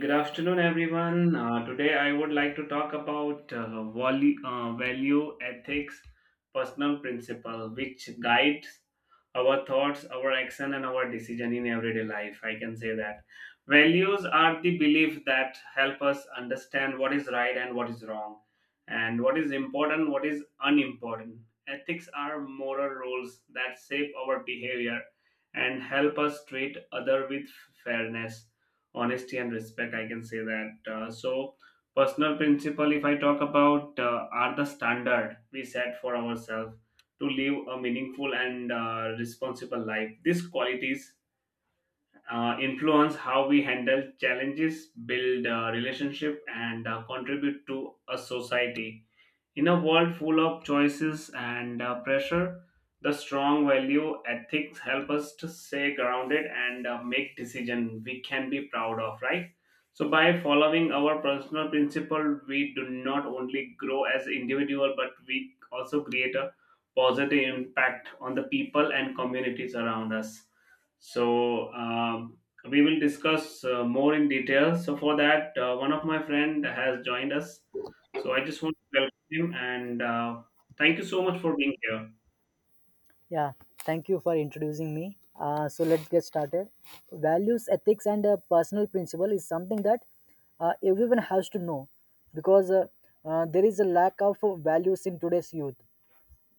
Good afternoon, everyone. Today, I would like to talk about value ethics, personal principle, which guides our thoughts, our action, and our decision in everyday life. I can say that values are the belief that help us understand what is right and what is wrong, and what is important, what is unimportant. Ethics are moral rules that shape our behavior and help us treat other with fairness honesty and respect. I can say that. So personal principle, if I talk about, are the standard we set for ourselves to live a meaningful and responsible life. These qualities influence how we handle challenges, build relationship, and contribute to a society. In a world full of choices and pressure, the strong value ethics help us to stay grounded and make decisions we can be proud of, right? So, by following our personal principle, we do not only grow as individual, but we also create a positive impact on the people and communities around us. So, we will discuss more in detail. So, for that, one of my friend has joined us. So, I just want to him and thank you so much for being here. Yeah, thank you for introducing me. So let's get started. Values, ethics, and personal principle is something that everyone has to know because there is a lack of values in today's youth.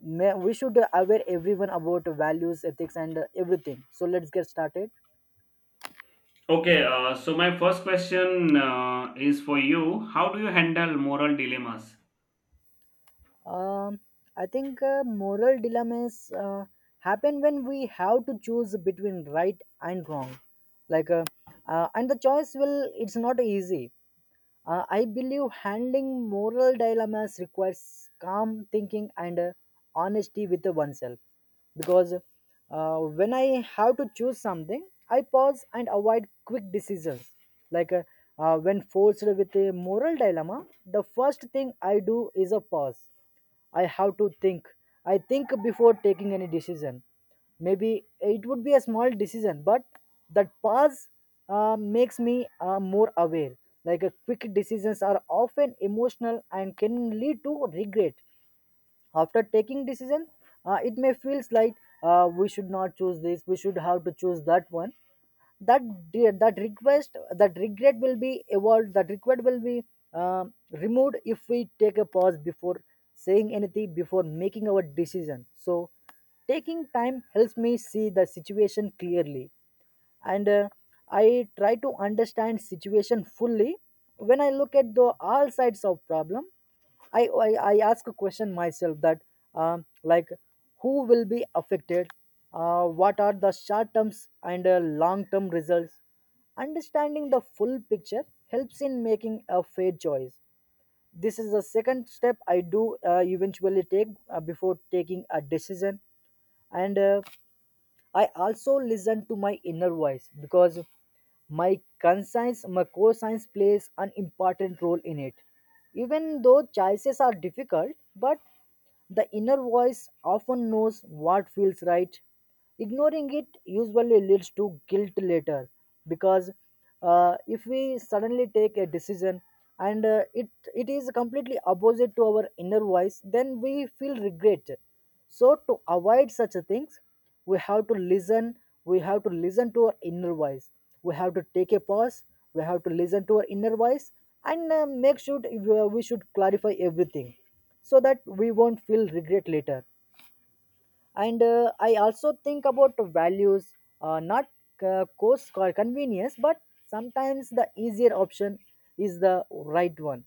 May, we should aware everyone about values, ethics, and everything. So let's get started. Okay, so my first question is for you. How do you handle moral dilemmas? Um, I think moral dilemmas happen when we have to choose between right and wrong, like uh, and the choice will it's not easy. I believe handling moral dilemmas requires calm thinking and honesty with oneself. Because when I have to choose something, I pause and avoid quick decisions. Like uh, when forced with a moral dilemma, the first thing I do is a pause. I have to think. I think before taking any decision. Maybe it would be a small decision, but that pause makes me more aware. Quick decisions are often emotional and can lead to regret. After taking decision, it may feels like we should not choose this. We should have to choose that one that that request that regret will be evolved, that regret will be removed if we take a pause before saying anything, before making our decision. So taking time helps me see the situation clearly, and I try to understand situation fully. When I look at the all sides of problem, I ask a question myself that, like, who will be affected, what are the short terms and long term results. Understanding the full picture helps in making a fair choice. This is the second step I do eventually take before taking a decision. And I also listen to my inner voice because my conscience plays an important role in it. Even though choices are difficult, but the inner voice often knows what feels right. Ignoring it usually leads to guilt later because if we suddenly take a decision and it is completely opposite to our inner voice, then we feel regret. So, to avoid such a things, we have to listen we have to listen to our inner voice, we have to take a pause, we have to listen to our inner voice, and make sure we should clarify everything so that we won't feel regret later. And I also think about values, not cost or convenience, but sometimes the easier option is the right one.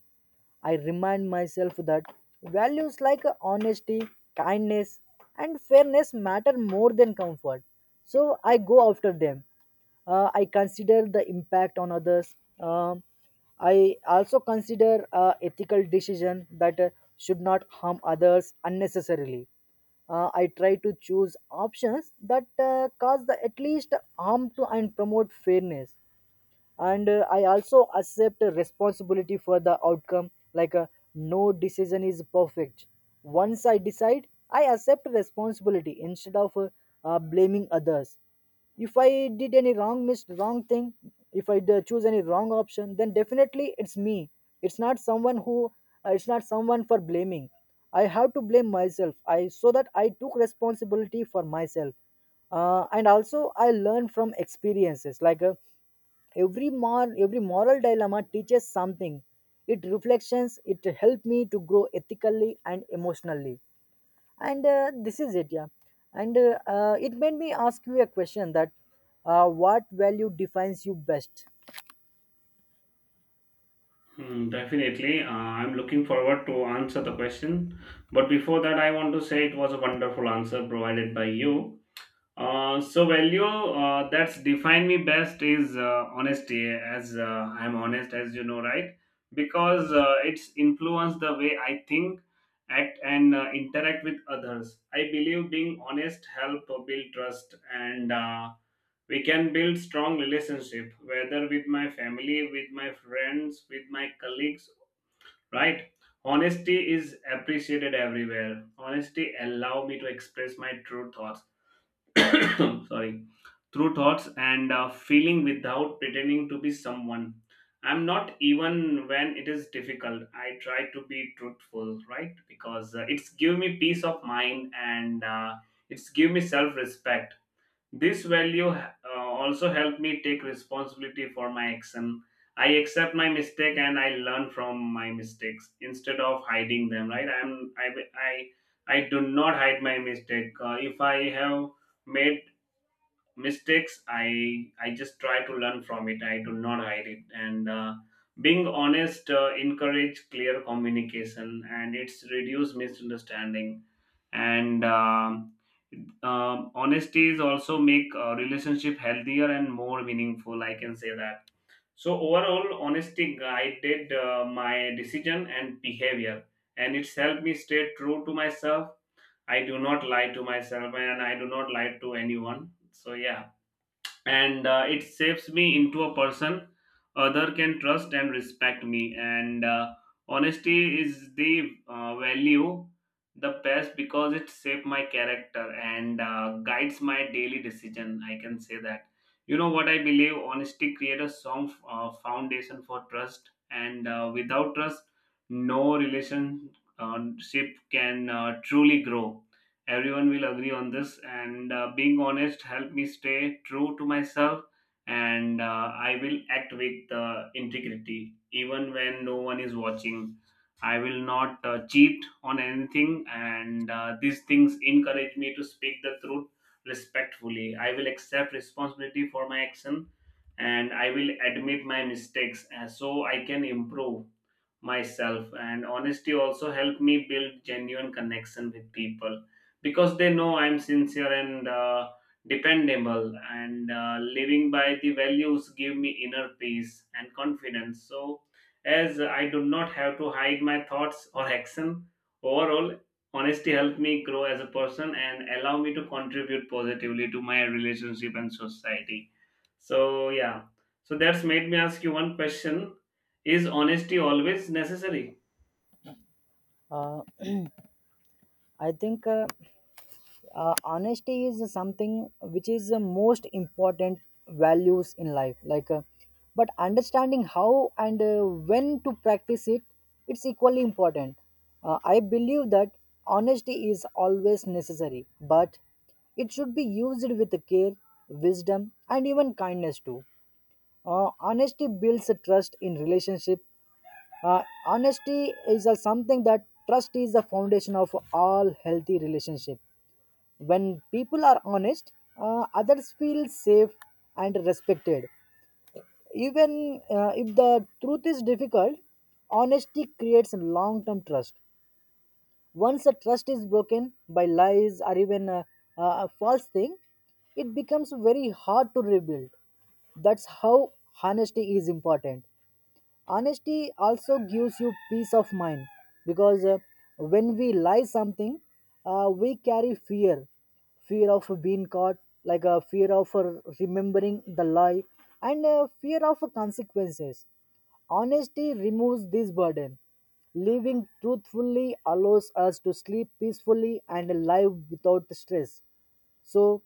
I remind myself that values like honesty, kindness, and fairness matter more than comfort, so I go after them. I consider the impact on others. I also consider ethical decision that should not harm others unnecessarily. I try to choose options that cause the at least harm to and promote fairness. And I also accept responsibility for the outcome. No decision is perfect. Once I decide, I accept responsibility instead of blaming others. If I did any wrong thing, if I choose any wrong option, then definitely it's me. It's not someone who it's not someone for blaming. I have to blame myself, I so that I took responsibility for myself. And also I learn from experiences. Every every moral dilemma teaches something. It reflections, it helped me to grow ethically and emotionally. And this is it, yeah. And it made me ask you a question that what value defines you best? Hmm, definitely. I'm looking forward to answer the question. But before that, I want to say it was a wonderful answer provided by you. So value that's defined me best is honesty, as I'm honest, as you know, right? Because it's influenced the way I think, act, and interact with others. I believe being honest help build trust, and we can build strong relationship, whether with my family, with my friends, with my colleagues, right? Honesty is appreciated everywhere. Honesty allow me to express my true thoughts. Sorry, through thoughts and feeling without pretending to be someone I'm not. Even when it is difficult, I try to be truthful, right? Because it's give me peace of mind and it's give me self respect. This value also help me take responsibility for my action. I accept my mistake and I learn from my mistakes instead of hiding them, right? I, I do not hide my mistake. If I have made mistakes, I just try to learn from it. I do not hide it. And being honest encourage clear communication, and it's reduce misunderstanding. And Honesty is also make a relationship healthier and more meaningful, I can say that. So overall, honesty guided my decision and behavior, and it's helped me stay true to myself. I do not lie to myself, and I do not lie to anyone. So yeah. And it shapes me into a person other can trust and respect me. And honesty is the value the best, because it shapes my character and guides my daily decision, I can say that. You know what, I believe honesty creates a strong foundation for trust, and without trust no relationship can truly grow. Everyone will agree on this. And being honest helped me stay true to myself. And I will act with integrity, even when no one is watching. I will not cheat on anything. And these things encourage me to speak the truth respectfully. I will accept responsibility for my action, and I will admit my mistakes so I can improve myself. And honesty also helped me build genuine connection with people, because they know I'm sincere and dependable. And living by the values give me inner peace and confidence, so as I do not have to hide my thoughts or action. Overall, honesty helped me grow as a person and allow me to contribute positively to my relationship and society. So yeah, so that's made me ask you one question: is honesty always necessary? uh, I think honesty is something which is the most important values in life. But understanding how and when to practice it, it's equally important. I believe that honesty is always necessary, but it should be used with care, wisdom, and even kindness too. Honesty builds a trust in relationship. Honesty is a something that trust is the foundation of all healthy relationship. When people are honest, others feel safe and respected. Even if the truth is difficult, honesty creates long term trust. Once the trust is broken by lies or even a false thing, it becomes very hard to rebuild. That's how honesty is important. Honesty also gives you peace of mind because when we lie something, we carry fear, fear of being caught, like a fear of remembering the lie, and fear of consequences. Honesty removes this burden. Living truthfully allows us to sleep peacefully and live without stress. So,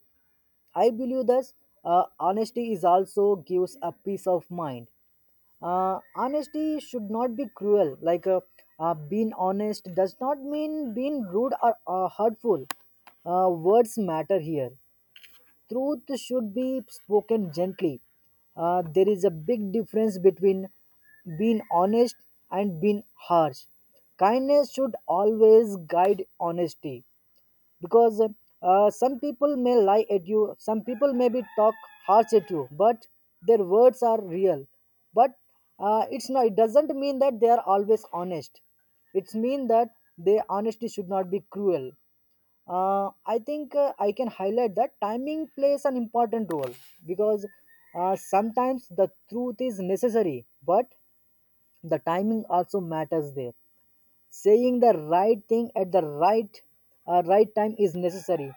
I believe that honesty is also gives a peace of mind. Honesty should not be cruel. Being honest does not mean being rude or hurtful. Words matter here. Truth should be spoken gently. There is a big difference between being honest and being harsh. Kindness should always guide honesty because some people may lie at you, some people may be talk harsh at you, but their words are real. But it's not, it doesn't mean that they are always honest. It's mean that their honesty should not be cruel. I think I can highlight that timing plays an important role because sometimes the truth is necessary, but the timing also matters there. Saying the right thing at the right time is necessary.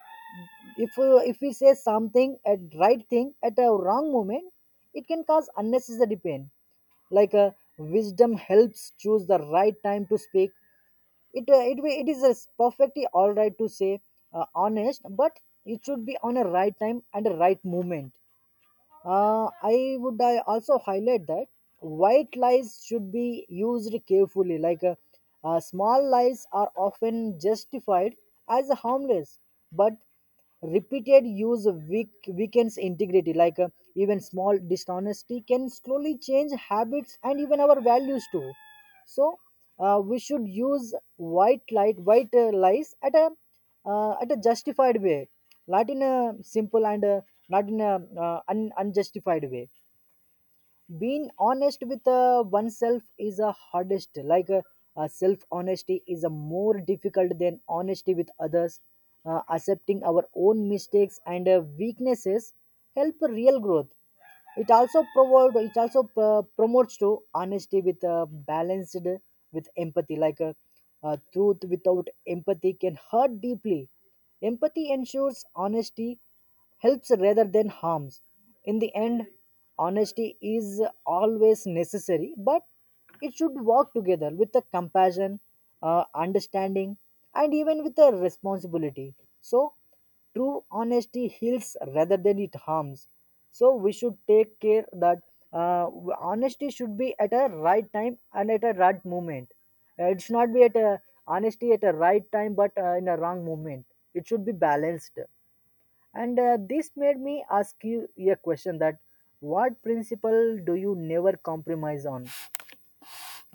If if we say something at right thing at a wrong moment, it can cause unnecessary pain. like uh, wisdom helps choose the right time to speak. It is a perfectly all right to say honest, but it should be on a right time and a right moment. I would, I also highlight that white lies should be used carefully. Small lies are often justified as harmless, but repeated use weakens integrity. Even small dishonesty can slowly change habits and even our values too. So we should use white lies at a justified way, not in a simple and not in a unjustified way. Being honest with oneself is the hardest. Self honesty is a more difficult than honesty with others. Accepting our own mistakes and weaknesses help real growth. It also promotes to honesty with balanced with empathy. Truth without empathy can hurt deeply. Empathy ensures honesty helps rather than harms. In the end, honesty is always necessary, but it should work together with the compassion, understanding, and even with the responsibility. So, true honesty heals rather than it harms. So, we should take care that uh, honesty should be at a right time and at a right moment. It should not be at a honesty at a right time, but in a wrong moment. It should be balanced. And this made me ask you a question that what principle do you never compromise on?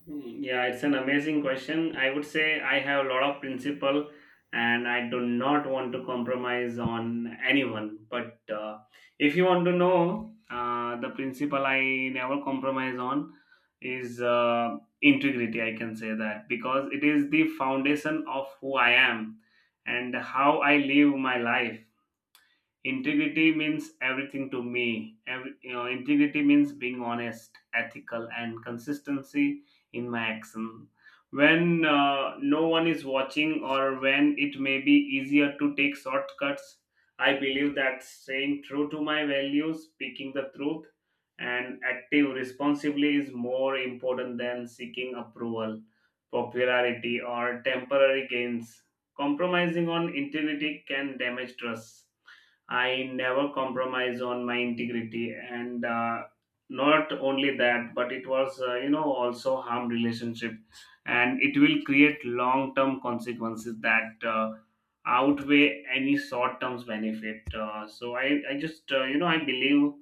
Hmm. Yeah, it's an amazing question. I would say I have a lot of principle and I do not want to compromise on anyone. But if you want to know, the principle I never compromise on is integrity, I can say that, because it is the foundation of who I am and how I live my life. Integrity means everything to me. Every, you know, integrity means being honest, ethical, and consistency in my action. When no one is watching, or when it may be easier to take shortcuts, I believe that staying true to my values, speaking the truth, and acting responsibly is more important than seeking approval, popularity, or temporary gains. Compromising on integrity can damage trust. I never compromise on my integrity, and not only that, but it was, you know, also harm relationship, and it will create long term consequences that outweigh any short term benefit. So I just, you know, I believe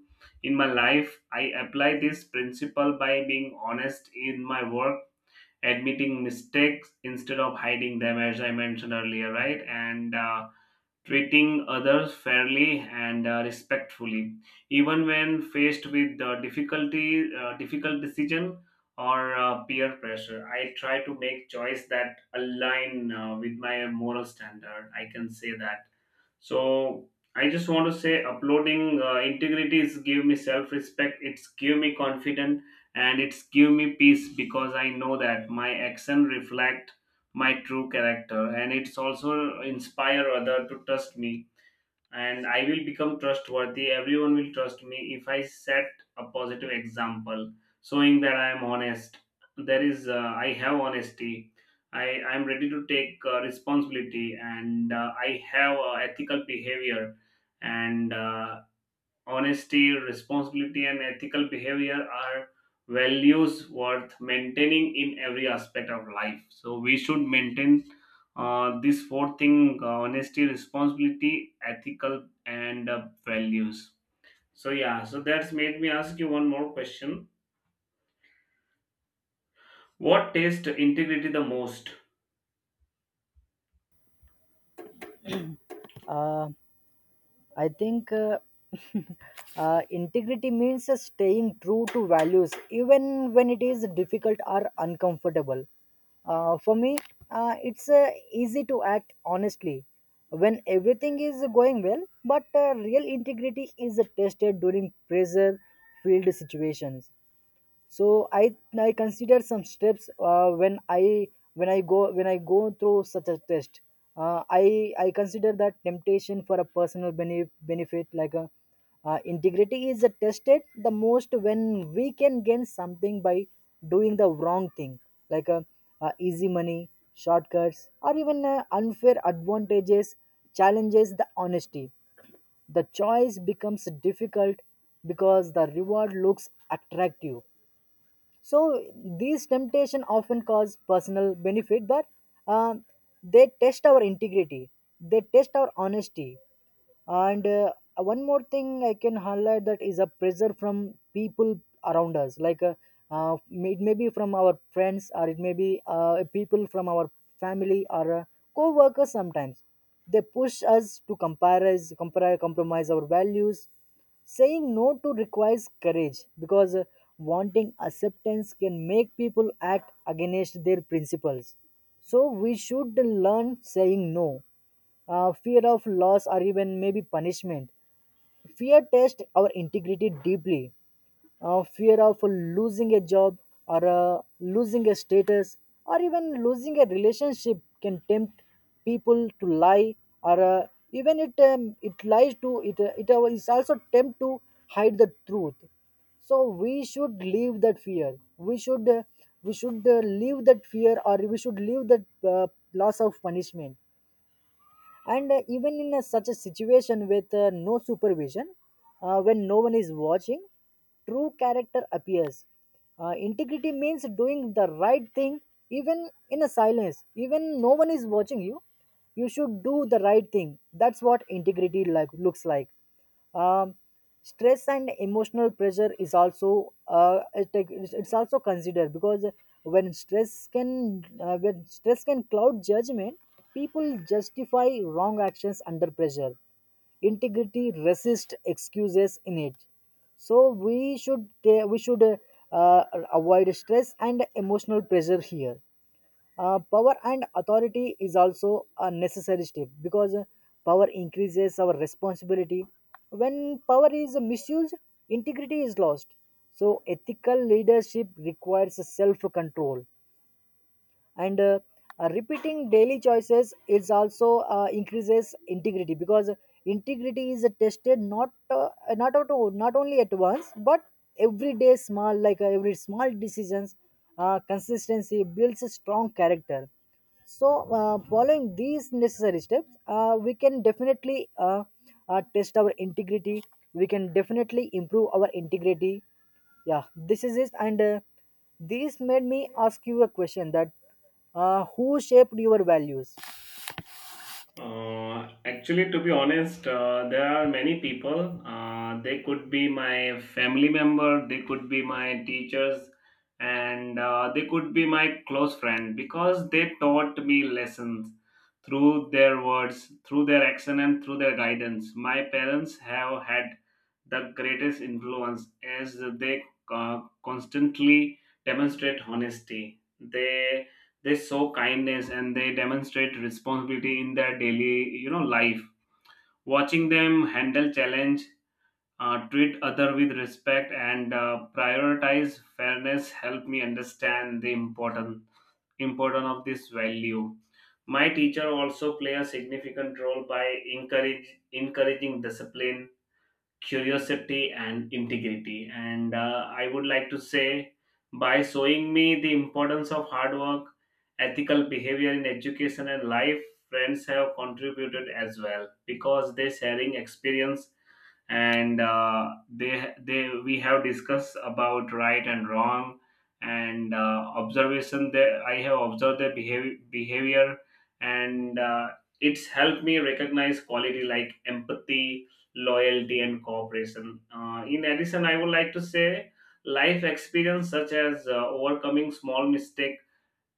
in my life I apply this principle by being honest in my work, admitting mistakes instead of hiding them, as I mentioned earlier, right? And treating others fairly and respectfully, even when faced with difficult decision or peer pressure. I try to make choice that align with my moral standard, I can say that. So I just want to say uploading integrity is give me self respect. It's give me confidence and it's give me peace, because I know that my action reflect my true character, and it's also inspire other to trust me and I will become trustworthy. Everyone will trust me if I set a positive example, showing that I am honest. There is, I have honesty. I am ready to take responsibility, and I have ethical behavior, and honesty, responsibility, and ethical behavior are values worth maintaining in every aspect of life. So we should maintain these four things: honesty, responsibility, ethical, and values. So yeah, so that's made me ask you one more question. What taste integrity the most? Uh, I think integrity means staying true to values even when it is difficult or uncomfortable. For me, it's easy to act honestly when everything is going well, but real integrity is tested during pressure filled situations. So I consider some steps when I when I go through such a test. I consider that temptation for a personal benefit. Like a integrity is tested the most when we can gain something by doing the wrong thing, like a, easy money, shortcuts, or even unfair advantages challenges the honesty. The choice becomes difficult because the reward looks attractive. So these temptation often cause personal benefit, but uh, they test our integrity, they test our honesty. And one more thing I can highlight that is a pressure from people around us. It may be from our friends, or it may be people from our family, or co-workers. Sometimes they push us to compromise our values. Saying no to requires courage because wanting acceptance can make people act against their principles. So we should learn saying no. Fear of loss or even maybe punishment. Fear tests our integrity deeply. Fear of losing a job or losing a status or even losing a relationship can tempt people to lie or even it it lies to it it is also tempt to hide the truth. So we should leave that fear. We should leave that fear, or we should leave that loss of punishment. And even in a, such a situation with no supervision, when no one is watching, true character appears. Integrity means doing the right thing even in a silence, even no one is watching you, you should do the right thing. That's what integrity like looks like. um, Stress and emotional pressure is also it- it's also considered because when stress can when stress can cloud judgment, people justify wrong actions under pressure. Integrity resists excuses in it. So we should avoid stress and emotional pressure here. Power and authority is also a necessary step because power increases our responsibility. When power is misused, integrity is lost. So, ethical leadership requires self control. And Repeating daily choices is also increases integrity because integrity is tested not only at once but every day small, every small decisions. Consistency builds a strong character. So, following these necessary steps, we can definitely test our integrity. We can definitely improve our integrity. Yeah, this is it. And This made me ask you a question that who shaped your values? Actually, to be honest, there are many people. They could be my family member, they could be my teachers, and they could be my close friend, because they taught me lessons through their words, through their action, and through their guidance. My parents have had the greatest influence, as they constantly demonstrate honesty. They show kindness and they demonstrate responsibility in their daily, you know, life. Watching them handle challenge, treat other with respect and prioritize fairness, help me understand the important importance of this value. My teacher also play a significant role by encourage encouraging discipline, curiosity and integrity, and I would like to say, by showing me the importance of hard work, ethical behavior in education and life. Friends have contributed as well, because they sharing experience, and they we have discussed about right and wrong, and observation there. I have observed their behavior, and it's helped me recognize quality like empathy, loyalty and cooperation. In addition, I would like to say life experience, such as overcoming small mistake,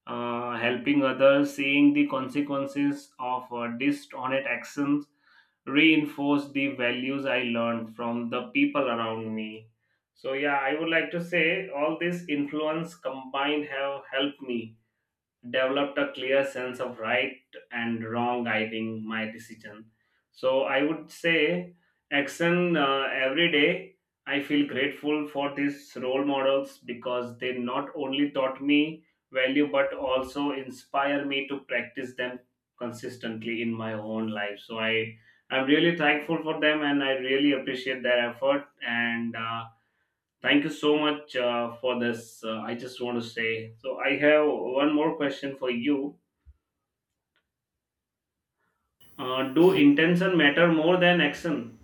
helping others, seeing the consequences of dishonest actions, reinforce the values I learned from the people around me. So yeah, I would like to say all this influence combined have helped me developed a clear sense of right and wrong, guiding my decision. So I would say action every day I feel grateful for these role models, because they not only taught me value but also inspire me to practice them consistently in my own life. So I'm really thankful for them, and I really appreciate their effort. And thank you so much for this. I just want to say, so I have one more question for you. Do intention matter more than action?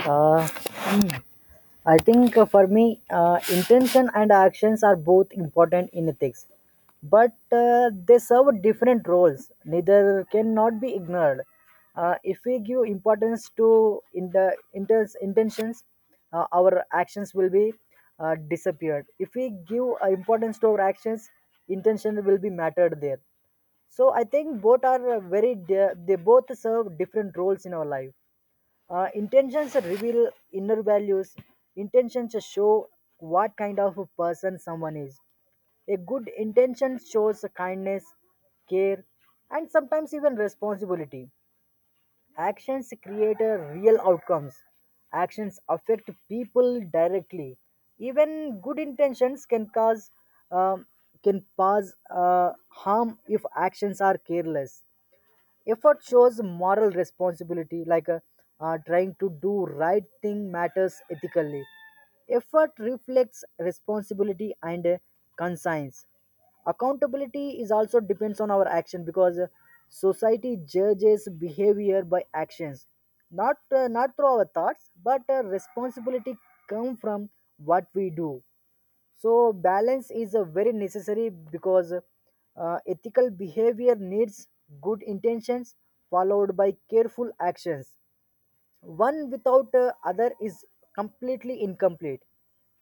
uh, I think for me intention and actions are both important in ethics, but they serve different roles, neither cannot be ignored. If we give importance to in the intentions, our actions will be disappeared. If we give importance to our actions, intention will be mattered there. So I think both are they both serve different roles in our life. Intentions reveal inner values. Intentions show what kind of a person someone is. A good intention shows kindness, care, and sometimes even responsibility. Actions create a real outcomes. Actions affect people directly. Even good intentions um, can cause harm if actions are careless. Effort shows moral responsibility, trying to do right thing matters ethically. Effort reflects responsibility and conscience. Accountability is also depends on our action because society judges behavior by actions, not through our thoughts, but responsibility come from what we do. So, balance is a very necessary because ethical behavior needs good intentions followed by careful actions. One without other is completely incomplete.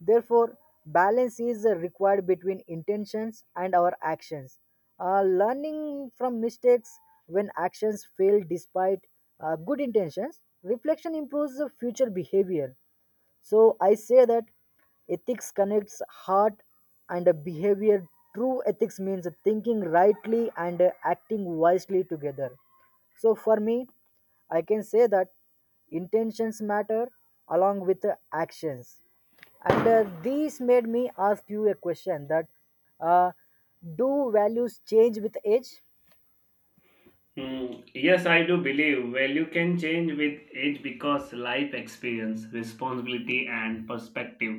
Therefore, balance is required between intentions and our actions. Learning from mistakes, when actions fail despite good intentions, reflection improves the future behavior. So I say that ethics connects heart and a behavior. True ethics means thinking rightly and acting wisely together. So for me, I can say that intentions matter along with the actions. And These made me ask you a question that uh, do values change with age? Hmm, yes, I do believe value can change with age, because life experience, responsibility, and perspective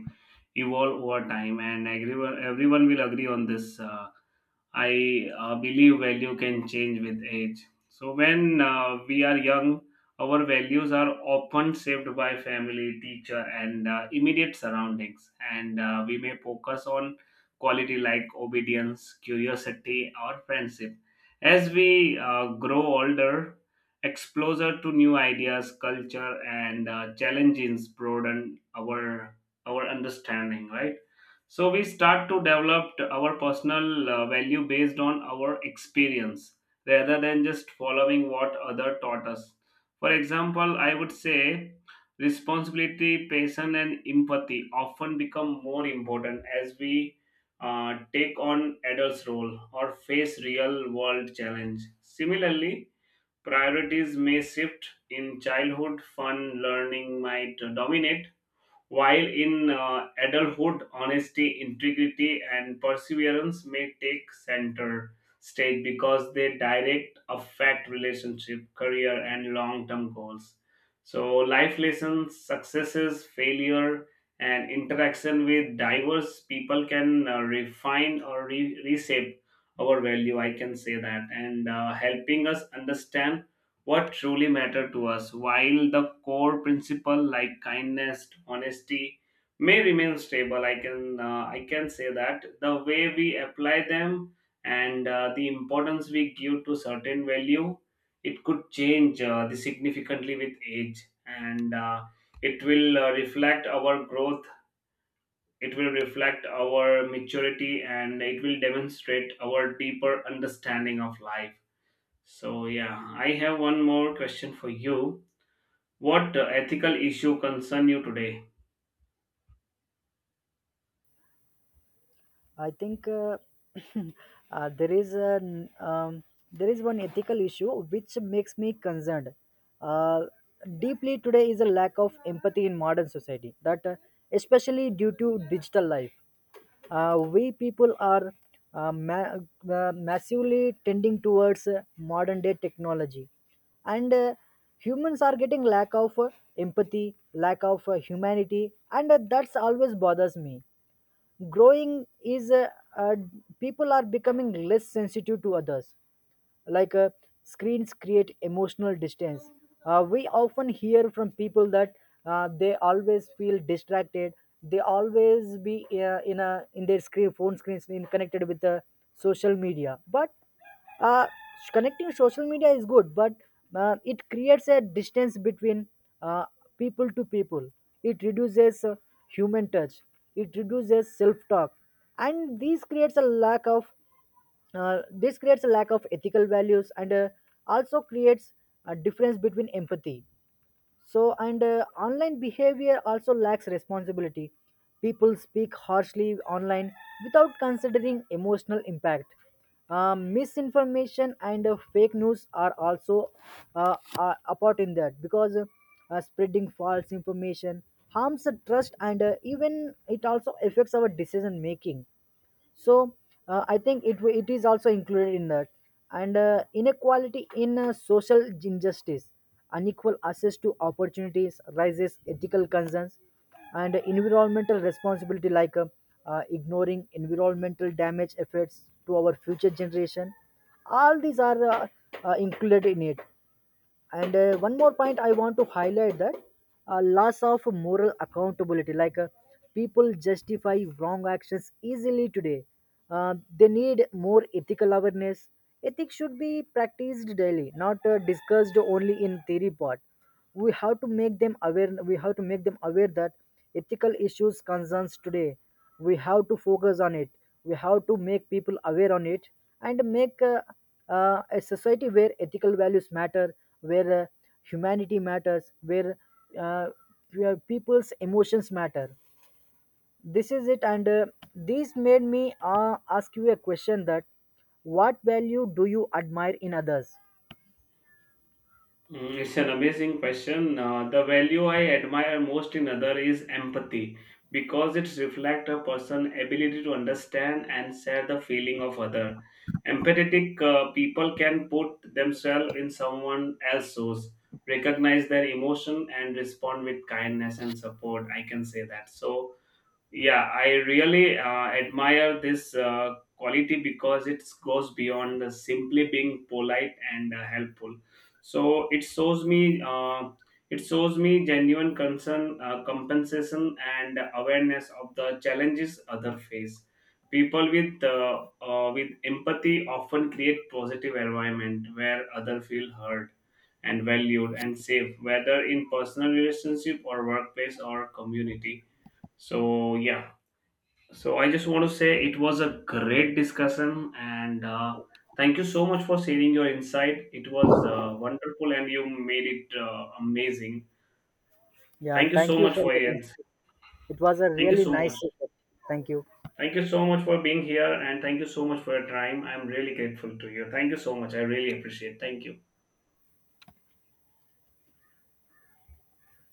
evolve over time, and everyone will agree on this. I believe value can change with age. So, when we are young, our values are often shaped by family, teacher, and immediate surroundings. And we may focus on quality like obedience, curiosity, or friendship. As we grow older, exposure to new ideas, culture, and challenges broaden our understanding, right? So we start to develop our personal value based on our experience rather than just following what other taught us. For example, I would say responsibility, patience, and empathy often become more important as we take on adults' role or face real world challenge. Similarly, priorities may shift in childhood. Fun learning might dominate, while in adulthood, honesty, integrity, and perseverance may take center stage, because they direct affect relationship, career, and long-term goals. So, life lessons, successes, failure, and interaction with diverse people can reshape our value, I can say that, and helping us understand what truly matter to us. While the core principle like kindness, honesty may remain stable, I can, I can say that the way we apply them, and the importance we give to certain value, it could change the significantly with age. And it will reflect our growth, it will reflect our maturity, and it will demonstrate our deeper understanding of life. So yeah, I have one more question for you. What ethical issue concern you today? I think there is an there is one ethical issue which makes me concerned. Uh, Deeply today is a lack of empathy in modern society. That especially due to digital life, we people are uh, ma- massively tending towards modern day technology, and humans are getting lack of empathy, lack of humanity, and that's always bothers me growing is uh, people are becoming less sensitive to others, like uh, screens create emotional distance. We often hear from people that they always feel distracted, they always be in their screen, phone screens, in connected with the social media, but uh, connecting social media is good, but it creates a distance between uh, people to people. It reduces human touch, it reduces self talk, and this creates a lack of ethical values, and also creates a difference between empathy. So, and online behavior also lacks responsibility. People speak harshly online without considering emotional impact. Misinformation and fake news are also are apart in that, because spreading false information harms the trust, and even it also affects our decision making. So I think it is also included in that. And inequality in social injustice, unequal access to opportunities raises ethical concerns. And environmental responsibility, ignoring environmental damage effects to our future generation, all these are included in it. And one more point I want to highlight, that loss of moral accountability, people justify wrong actions easily today. They need more ethical awareness. Ethics should be practiced daily, not discussed only in theory part. We have to make them aware, we have to make them aware that ethical issues concerns today, we have to focus on it, we have to make people aware on it, and make a society where ethical values matter, where humanity matters, uh, where people's emotions matter. This is it, and this made me ask you a question that what value do you admire in others? Mm, it's an amazing question. The value I admire most in other is empathy, because it reflects a person's ability to understand and share the feeling of other. Empathetic people can put themselves in someone else's shoes, recognize their emotion, and respond with kindness and support. I can say that. So yeah, I really admire this quality, because it goes beyond simply being polite and helpful. So it shows me genuine concern, compensation, and awareness of the challenges other face. People with empathy often create positive environment where other feel heard and valued and safe, whether in personal relationship or workplace or community. So yeah. So I just want to say it was a great discussion, and thank you so much for sharing your insight. It was wonderful, and you made it amazing. Yeah, Thank you thank so you much for for your your. ins- It was a Thank you really so nice much. session. Thank you. Thank you so much for being here, and thank you so much for your time. I'm really grateful to you. Thank you so much. I really appreciate. Thank you.